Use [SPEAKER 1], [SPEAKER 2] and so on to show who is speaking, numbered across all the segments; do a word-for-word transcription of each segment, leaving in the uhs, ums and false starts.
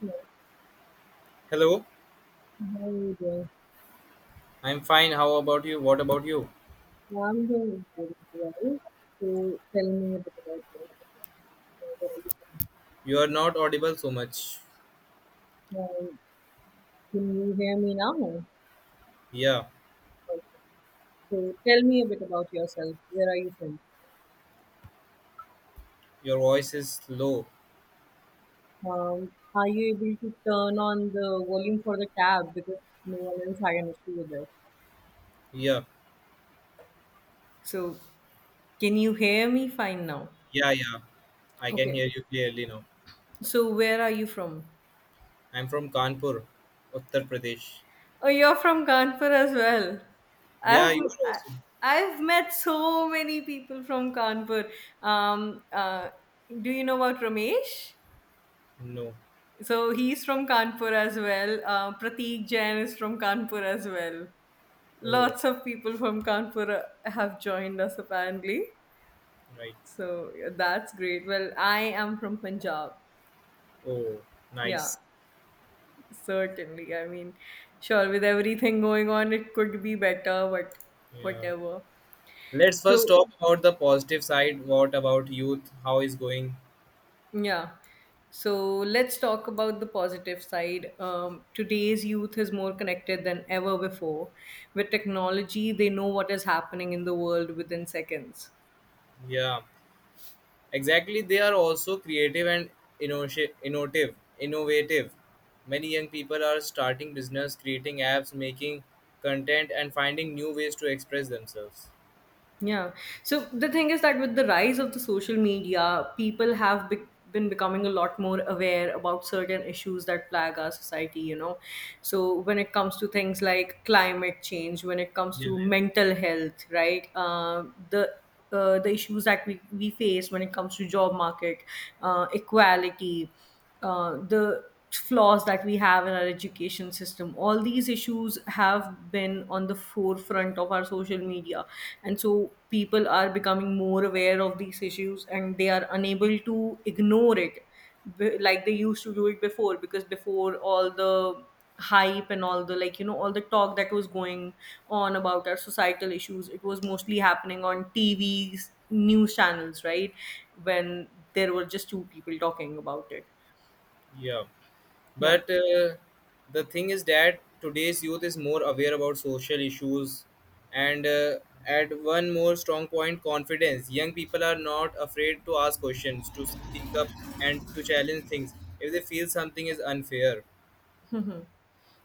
[SPEAKER 1] Hello,
[SPEAKER 2] Hello,
[SPEAKER 1] how are you doing?
[SPEAKER 2] I'm fine. How about you? What about you?
[SPEAKER 1] Well, I'm doing good as well. So tell me a bit about yourself. Where are you
[SPEAKER 2] You are not audible so much.
[SPEAKER 1] from? Um, Can you hear me now?
[SPEAKER 2] Yeah,
[SPEAKER 1] Okay. So tell me a bit about yourself. Where are you from?
[SPEAKER 2] your voice is low.
[SPEAKER 1] Um, are you able to turn on the volume for the tab because no one else had an issue with it?
[SPEAKER 2] Yeah,
[SPEAKER 1] So can you hear me fine now?
[SPEAKER 2] yeah, yeah. I can
[SPEAKER 1] Okay.
[SPEAKER 2] hear you clearly now.
[SPEAKER 1] So where are you from?
[SPEAKER 2] I'm from Kanpur, Uttar Pradesh.
[SPEAKER 1] Oh, you're from Kanpur as well.
[SPEAKER 2] Yeah,
[SPEAKER 1] I've
[SPEAKER 2] you are
[SPEAKER 1] I,
[SPEAKER 2] also.
[SPEAKER 1] I've met so many people from Kanpur. Um, uh, do you know about Ramesh?
[SPEAKER 2] No.
[SPEAKER 1] So he's from Kanpur as well. Uh, Prateek Jain is from Kanpur as well.
[SPEAKER 2] Oh,
[SPEAKER 1] Lots of people from Kanpur uh, have joined us apparently.
[SPEAKER 2] right.
[SPEAKER 1] So yeah, that's great. Well, I am from Punjab.
[SPEAKER 2] Oh,
[SPEAKER 1] Yeah,
[SPEAKER 2] nice.
[SPEAKER 1] certainly. I mean, sure, with everything going on, it could be better, but
[SPEAKER 2] Yeah.
[SPEAKER 1] whatever.
[SPEAKER 2] Let's first talk
[SPEAKER 1] So,
[SPEAKER 2] about the positive side. What about youth? How is going?
[SPEAKER 1] yeah. So let's talk about the positive side. Um, today's youth is more connected than ever before. With technology, they know what is happening in the world within seconds.
[SPEAKER 2] Yeah. Exactly, they are also creative and innoti- innovative. Innovative. Many young people are starting business, creating apps, making content, and finding new ways to express themselves.
[SPEAKER 1] Yeah. So the thing is that with the rise of the social media, people have be- been becoming a lot more aware about certain issues that plague our society, you know. So when it comes to things like climate change, when it comes
[SPEAKER 2] Yeah,
[SPEAKER 1] to mental health, right? Uh, the uh, the issues that we, we face when it comes to job market, uh, equality, uh, the flaws that we have in our education system, all these issues have been on the forefront of our social media, and so people are becoming more aware of these issues, and they are unable to ignore it b- like they used to do it before, because before all the hype and all the like you know all the talk that was going on about our societal issues, it was mostly happening on tvs, news channels, right, when there were just two people talking about it.
[SPEAKER 2] yeah.
[SPEAKER 1] yeah
[SPEAKER 2] But uh, the thing is that today's youth is more aware about social issues, and uh, at one more strong point, confidence. Young people are not afraid to ask questions, to speak up, and to challenge things if they feel something is unfair.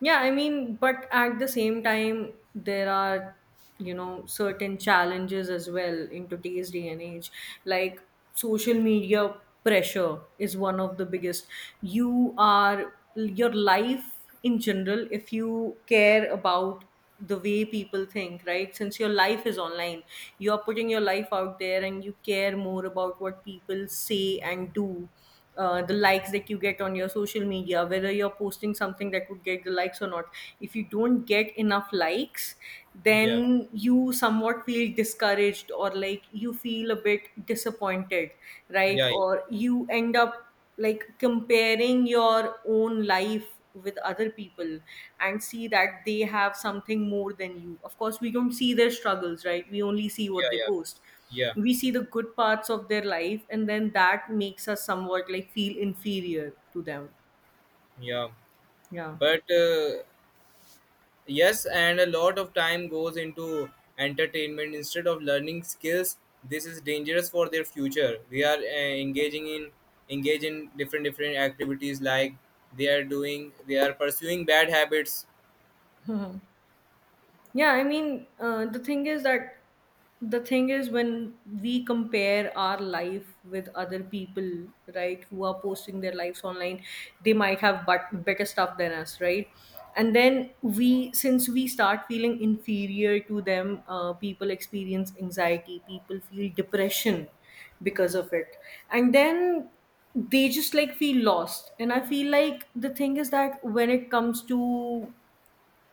[SPEAKER 1] yeah, I mean, but at the same time, there are, you know, certain challenges as well in today's day and age. Like, social media pressure is one of the biggest. You are your life, in general, if you care about the way people think, right? Since your life is online, you are putting your life out there and you care more about what people say and do. Uh, the likes that you get on your social media, whether you're posting something that would get the likes or not. If you don't get enough likes,
[SPEAKER 2] Yeah,
[SPEAKER 1] then you somewhat feel discouraged, or like, you feel a bit disappointed, right?
[SPEAKER 2] yeah, yeah.
[SPEAKER 1] Or you end up like comparing your own life with other people and see that they have something more than you. Of course, we don't see their struggles, right? We only see what
[SPEAKER 2] Yeah,
[SPEAKER 1] they
[SPEAKER 2] yeah,
[SPEAKER 1] post.
[SPEAKER 2] yeah,
[SPEAKER 1] We see the good parts of their life, and then that makes us somewhat like feel inferior to them.
[SPEAKER 2] yeah,
[SPEAKER 1] Yeah.
[SPEAKER 2] but uh, yes, and a lot of time goes into entertainment instead of learning skills. This is dangerous for their future. They are uh, engaging in engage in different different activities, like they are doing, they are pursuing bad habits.
[SPEAKER 1] Yeah, I mean, uh, the thing is that the thing is, when we compare our life with other people, right, who are posting their lives online, they might have but better stuff than us, right? And then we, since we start feeling inferior to them, uh, people experience anxiety, people feel depression because of it, and then they just like feel lost. And I feel like the thing is that when it comes to,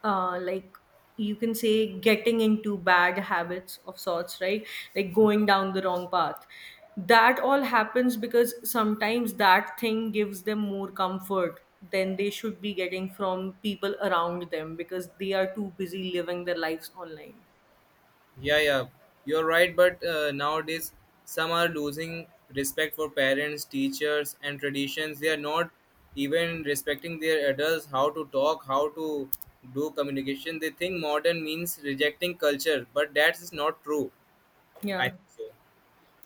[SPEAKER 1] uh, like, you can say getting into bad habits of sorts, right, like going down the wrong path, that all happens because sometimes that thing gives them more comfort than they should be getting from people around them, because they are too busy living their lives online.
[SPEAKER 2] Yeah, yeah, you're right. But uh, nowadays, some are losing respect for parents, teachers, and traditions. They are not even respecting their adults, how to talk, how to do communication. They think modern means rejecting culture, but that is not true. I
[SPEAKER 1] Yeah
[SPEAKER 2] think so.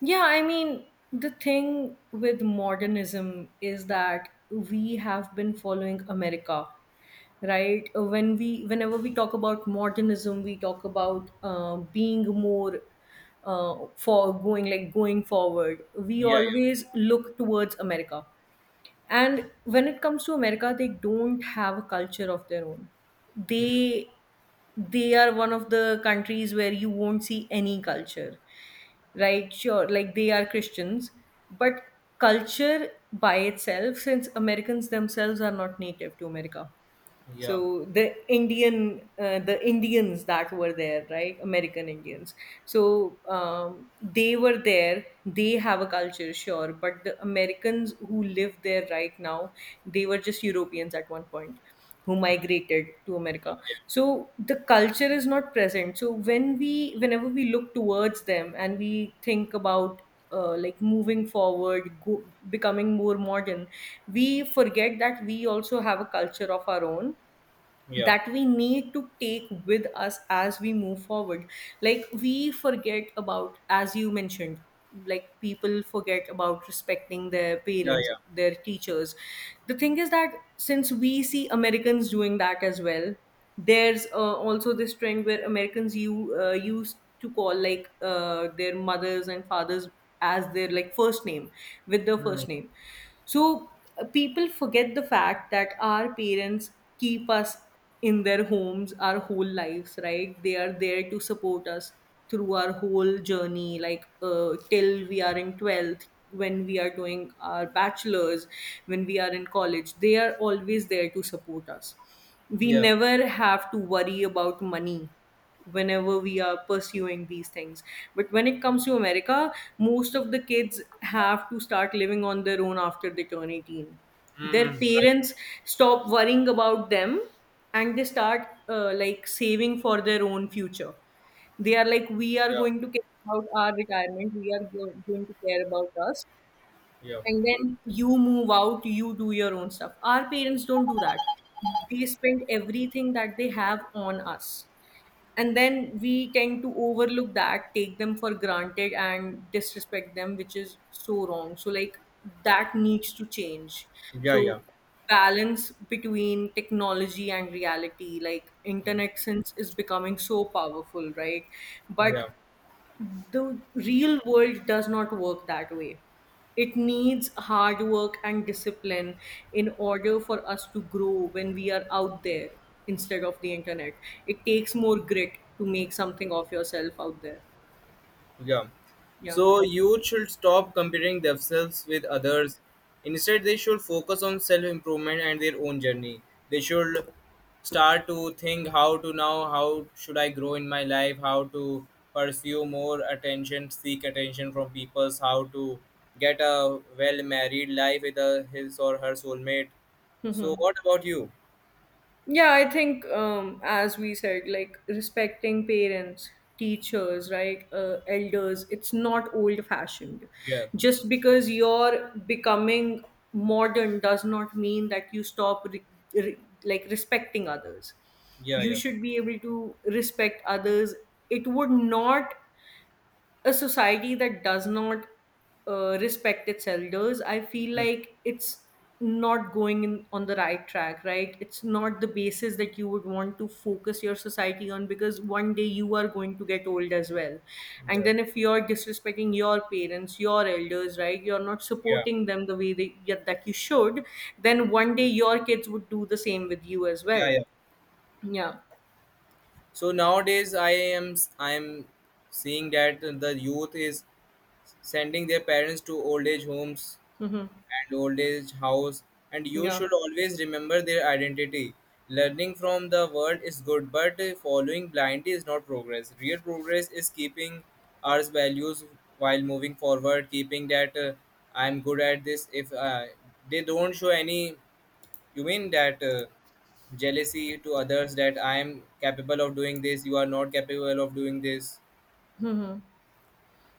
[SPEAKER 1] Yeah, I mean, the thing with modernism is that we have been following America, right? Uh, When we, whenever we talk about modernism, we talk about uh, being more, uh, for going like going forward. We
[SPEAKER 2] Yeah,
[SPEAKER 1] always
[SPEAKER 2] yeah.
[SPEAKER 1] look towards America. And when it comes to America, they don't have a culture of their own.
[SPEAKER 2] Mm,
[SPEAKER 1] They they are one of the countries where you won't see any culture. Right? Sure, like, they are Christians, but culture by itself, since Americans themselves are not native to America, so
[SPEAKER 2] yeah,
[SPEAKER 1] the indian uh, the indians that were there, right, american indians. So um, they were there, they have a culture, sure, but the americans who live there right now, they were just europeans at one point who migrated to america. So the culture is not present. So when we, whenever we look towards them and we think about, uh, like moving forward, go, becoming more modern, we forget that we also have a culture of our own
[SPEAKER 2] yeah,
[SPEAKER 1] that we need to take with us as we move forward. Like, we forget about, as you mentioned, like, people forget about respecting their
[SPEAKER 2] yeah,
[SPEAKER 1] parents,
[SPEAKER 2] yeah.
[SPEAKER 1] their teachers. The thing is that since we see americans doing that as well, there's uh, also this trend where americans you uh, used to call like uh, their mothers and fathers as their like first name, with their first
[SPEAKER 2] Mm,
[SPEAKER 1] name. So uh, people forget the fact that our parents keep us in their homes our whole lives, right? They are there to support us through our whole journey, like uh, till we are in twelfth, when we are doing our bachelors, when we are in college, they are always there to support us. We
[SPEAKER 2] yeah,
[SPEAKER 1] never have to worry about money whenever we are pursuing these things. But when it comes to America, most of the kids have to start living on their own after they turn eighteen. Their
[SPEAKER 2] mm-hmm. Right,
[SPEAKER 1] parents stop worrying about them, and they start uh, like saving for their own future. They are like, we are
[SPEAKER 2] yeah,
[SPEAKER 1] going to care about our retirement, we are go- going to care about us.
[SPEAKER 2] yeah,
[SPEAKER 1] And then you move out, you do your own stuff. Our parents don't do that. They spend everything that they have on us, and then we tend to overlook that, take them for granted, and disrespect them, which is so wrong. So, like, that needs to change.
[SPEAKER 2] yeah,
[SPEAKER 1] So,
[SPEAKER 2] yeah.
[SPEAKER 1] balance between technology and reality, like
[SPEAKER 2] Mm,
[SPEAKER 1] internet, since is becoming so powerful, right, but
[SPEAKER 2] yeah.
[SPEAKER 1] the real world does not work that way. It needs hard work and discipline in order for us to grow when we are out there instead of the internet. It takes more grit to make something of yourself out there.
[SPEAKER 2] Yeah.
[SPEAKER 1] Yeah.
[SPEAKER 2] So youth should stop comparing themselves with others. Instead, they should focus on self improvement and their own journey. They should start to think how to now, how should I grow in my life, how to pursue more attention, seek attention from people, how to get a well married life with a, his or her soulmate. So, what about you?
[SPEAKER 1] Yeah, I think, um, as we said, like respecting parents, teachers, right, uh, elders, it's not old-fashioned.
[SPEAKER 2] Yeah,
[SPEAKER 1] Just because you're becoming modern does not mean that you stop re- re- like respecting others.
[SPEAKER 2] yeah,
[SPEAKER 1] You
[SPEAKER 2] yeah.
[SPEAKER 1] should be able to respect others. It would not, a society that does not uh, respect its elders, I feel
[SPEAKER 2] Mm.
[SPEAKER 1] like it's not going in on the right track, right? It's not the basis that you would want to focus your society on, because one day you are going to get old as well. And
[SPEAKER 2] Yeah,
[SPEAKER 1] then if you're disrespecting your parents, your elders, right, you're not
[SPEAKER 2] yeah,
[SPEAKER 1] supporting them the way they, yeah, that you should, then one day your kids would do the same with you as
[SPEAKER 2] yeah,
[SPEAKER 1] well.
[SPEAKER 2] yeah.
[SPEAKER 1] Yeah.
[SPEAKER 2] So nowadays i am i am seeing that the youth is sending their parents to old age homes
[SPEAKER 1] Mm-hmm.
[SPEAKER 2] and old age house, and you
[SPEAKER 1] Yeah.
[SPEAKER 2] should always remember their identity. Learning from the world is good, but following blindly is not progress. Real progress is keeping our values while moving forward, keeping that uh, I'm good at this. If uh, They don't show any, you mean that uh, jealousy to others, that I am capable of doing this, you are not capable of doing this.
[SPEAKER 1] Mm-hmm.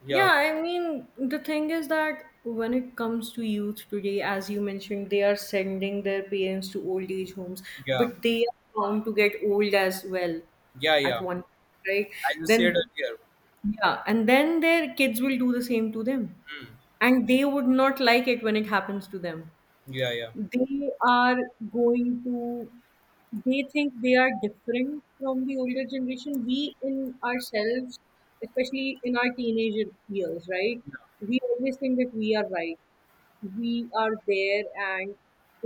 [SPEAKER 2] Yeah,
[SPEAKER 1] Yeah, I mean, the thing is that when it comes to youth today, as you mentioned, they are sending their parents to old age homes,
[SPEAKER 2] yeah,
[SPEAKER 1] but they are bound to get old as well
[SPEAKER 2] yeah, yeah.
[SPEAKER 1] at one point, right?
[SPEAKER 2] As you said
[SPEAKER 1] Then,
[SPEAKER 2] earlier.
[SPEAKER 1] yeah, and then their kids will do the same to them.
[SPEAKER 2] Hmm.
[SPEAKER 1] And they would not like it when it happens to them.
[SPEAKER 2] Yeah, yeah,
[SPEAKER 1] They are going to, they think they are different from the older generation. We in ourselves, especially in our teenage years, right, we always think that we are right, we are there, and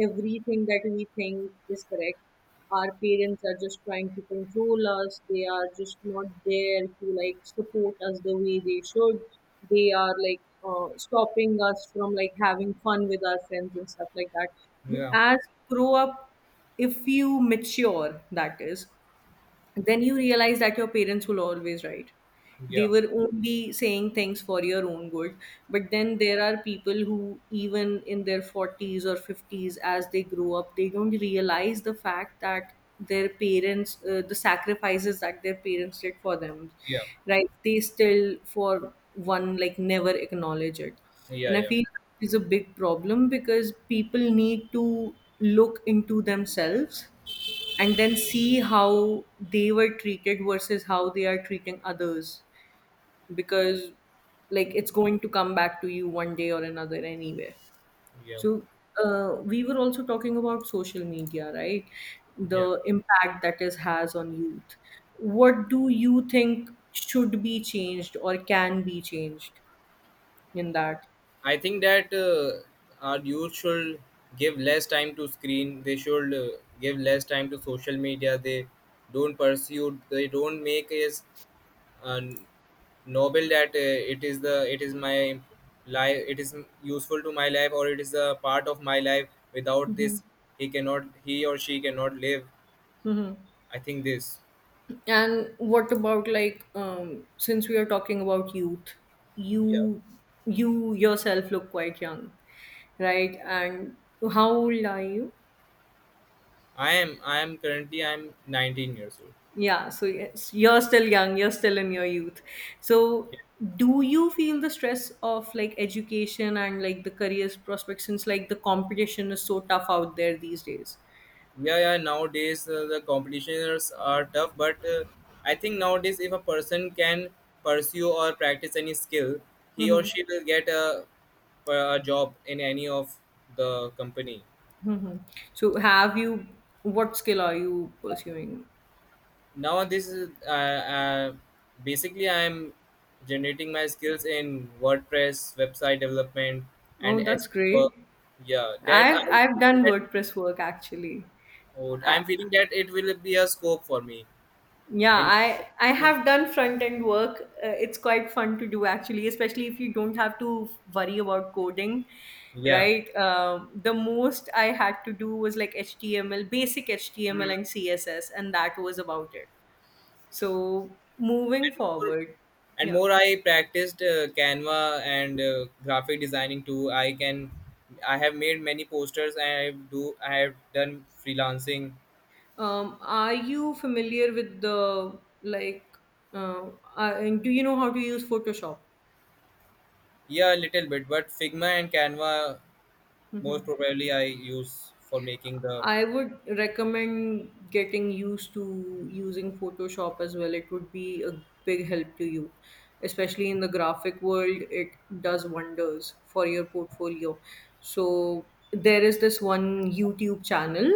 [SPEAKER 1] everything that we think is correct. Our parents are just trying to control us, they are just not there to like support us the way they should. They are like uh, stopping us from like having fun with our friends and stuff like that. But
[SPEAKER 2] yeah,
[SPEAKER 1] as you grow up, if you mature, that is, then you realize that your parents will always right.
[SPEAKER 2] yeah,
[SPEAKER 1] They were only saying things for your own good. But then there are people who even in their forties or fifties, as they grow up, they don't realize the fact that their parents, uh, the sacrifices that their parents did for them,
[SPEAKER 2] yeah,
[SPEAKER 1] right, they still for one like never acknowledge it.
[SPEAKER 2] yeah,
[SPEAKER 1] And I
[SPEAKER 2] yeah,
[SPEAKER 1] feel it's a big problem because people need to look into themselves, and then see how they were treated versus how they are treating others, because like it's going to come back to you one day or another anyway.
[SPEAKER 2] yeah,
[SPEAKER 1] So uh, we were also talking about social media, right,
[SPEAKER 2] yeah.
[SPEAKER 1] the impact that is has on youth. What do you think should be changed or can be changed in that?
[SPEAKER 2] I think that uh, our youth should give less time to screen. They should uh, give less time to social media. They don't pursue. They don't make is uh, noble that uh, it is the it is my life. It is useful to my life, or it is a part of my life. Without
[SPEAKER 1] Hmm.
[SPEAKER 2] this he cannot, he or she cannot live.
[SPEAKER 1] Hmm.
[SPEAKER 2] I think this.
[SPEAKER 1] And what about like, um, since we are talking about youth,
[SPEAKER 2] Yeah,
[SPEAKER 1] you you yourself look quite young, right? And how old are you?
[SPEAKER 2] i am i am currently, I'm nineteen years old.
[SPEAKER 1] Yeah, so yes, you're still young, you're still in your youth. So
[SPEAKER 2] Yeah.
[SPEAKER 1] do you feel the stress of like education and like the careers prospects since like the competition is so tough out there these days?
[SPEAKER 2] Yeah, yeah, nowadays uh, the competitions are tough, but uh, I think nowadays if a person can pursue or practice any skill, he or
[SPEAKER 1] Mm-hmm.
[SPEAKER 2] she will get a, a job in any of the company.
[SPEAKER 1] Mm-hmm. So have you what skill are you pursuing?
[SPEAKER 2] Nowadays uh, uh, basically I'm generating my skills in WordPress website development and
[SPEAKER 1] Oh, that's
[SPEAKER 2] S E O work.
[SPEAKER 1] great.
[SPEAKER 2] Yeah, that
[SPEAKER 1] I've
[SPEAKER 2] I'm
[SPEAKER 1] I've
[SPEAKER 2] feeling
[SPEAKER 1] done
[SPEAKER 2] that.
[SPEAKER 1] WordPress work actually.
[SPEAKER 2] Oh, I'm feeling that it will be a scope for me
[SPEAKER 1] Yeah,
[SPEAKER 2] in.
[SPEAKER 1] I I have done front end work. Uh, it's quite fun to do actually, especially if you don't have to worry about coding,
[SPEAKER 2] Yeah.
[SPEAKER 1] right? Um, the most I had to do was like H T M L, basic H T M L
[SPEAKER 2] Mm.
[SPEAKER 1] and C S S, and that was about it. So moving forward,
[SPEAKER 2] And
[SPEAKER 1] yeah.
[SPEAKER 2] more I practiced uh, Canva and uh, graphic designing too, I can. I have made many posters, and i do I have done freelancing.
[SPEAKER 1] Um, are you familiar with the like? Uh, uh, do you know how to use Photoshop?
[SPEAKER 2] Yeah, a little bit, but Figma and Canva
[SPEAKER 1] Hmm.
[SPEAKER 2] most probably I use for making the.
[SPEAKER 1] I would recommend getting used to using Photoshop as well. It would be a big help to you, especially in the graphic world. It does wonders for your portfolio. So there is this one YouTube channel.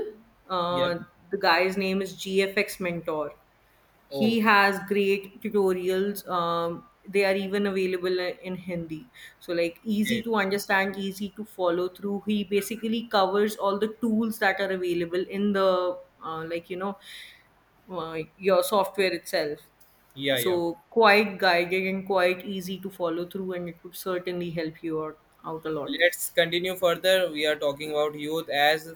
[SPEAKER 2] Yeah.
[SPEAKER 1] Uh, the guy's name is G F X Mentor.
[SPEAKER 2] Oh,
[SPEAKER 1] He has great tutorials. Um, they are even available in hindi, so like easy
[SPEAKER 2] okay.
[SPEAKER 1] to understand, easy to follow through. He basically covers all the tools that are available in the, uh, like you know uh, your software itself.
[SPEAKER 2] Yeah, yeah.
[SPEAKER 1] So quite guided and quite easy to follow through, and it would certainly help you out, out a lot.
[SPEAKER 2] Let's continue further. We are talking about youth as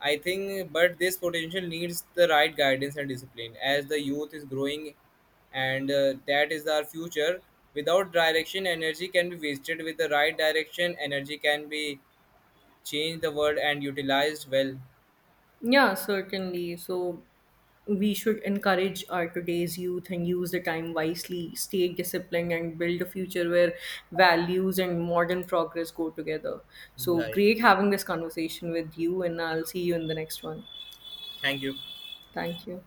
[SPEAKER 2] I think, but this potential needs the right guidance and discipline. As the youth is growing, and uh, that is our future. Without direction, energy can be wasted. With the right direction, energy can be changed the world and utilized well.
[SPEAKER 1] Yeah, certainly. So we should encourage our today's youth and use the time wisely, stay disciplined, and build a future where values and modern progress go together. So
[SPEAKER 2] Yeah, yeah.
[SPEAKER 1] great having this conversation with you, and I'll see you in the next one.
[SPEAKER 2] Thank you.
[SPEAKER 1] Thank you.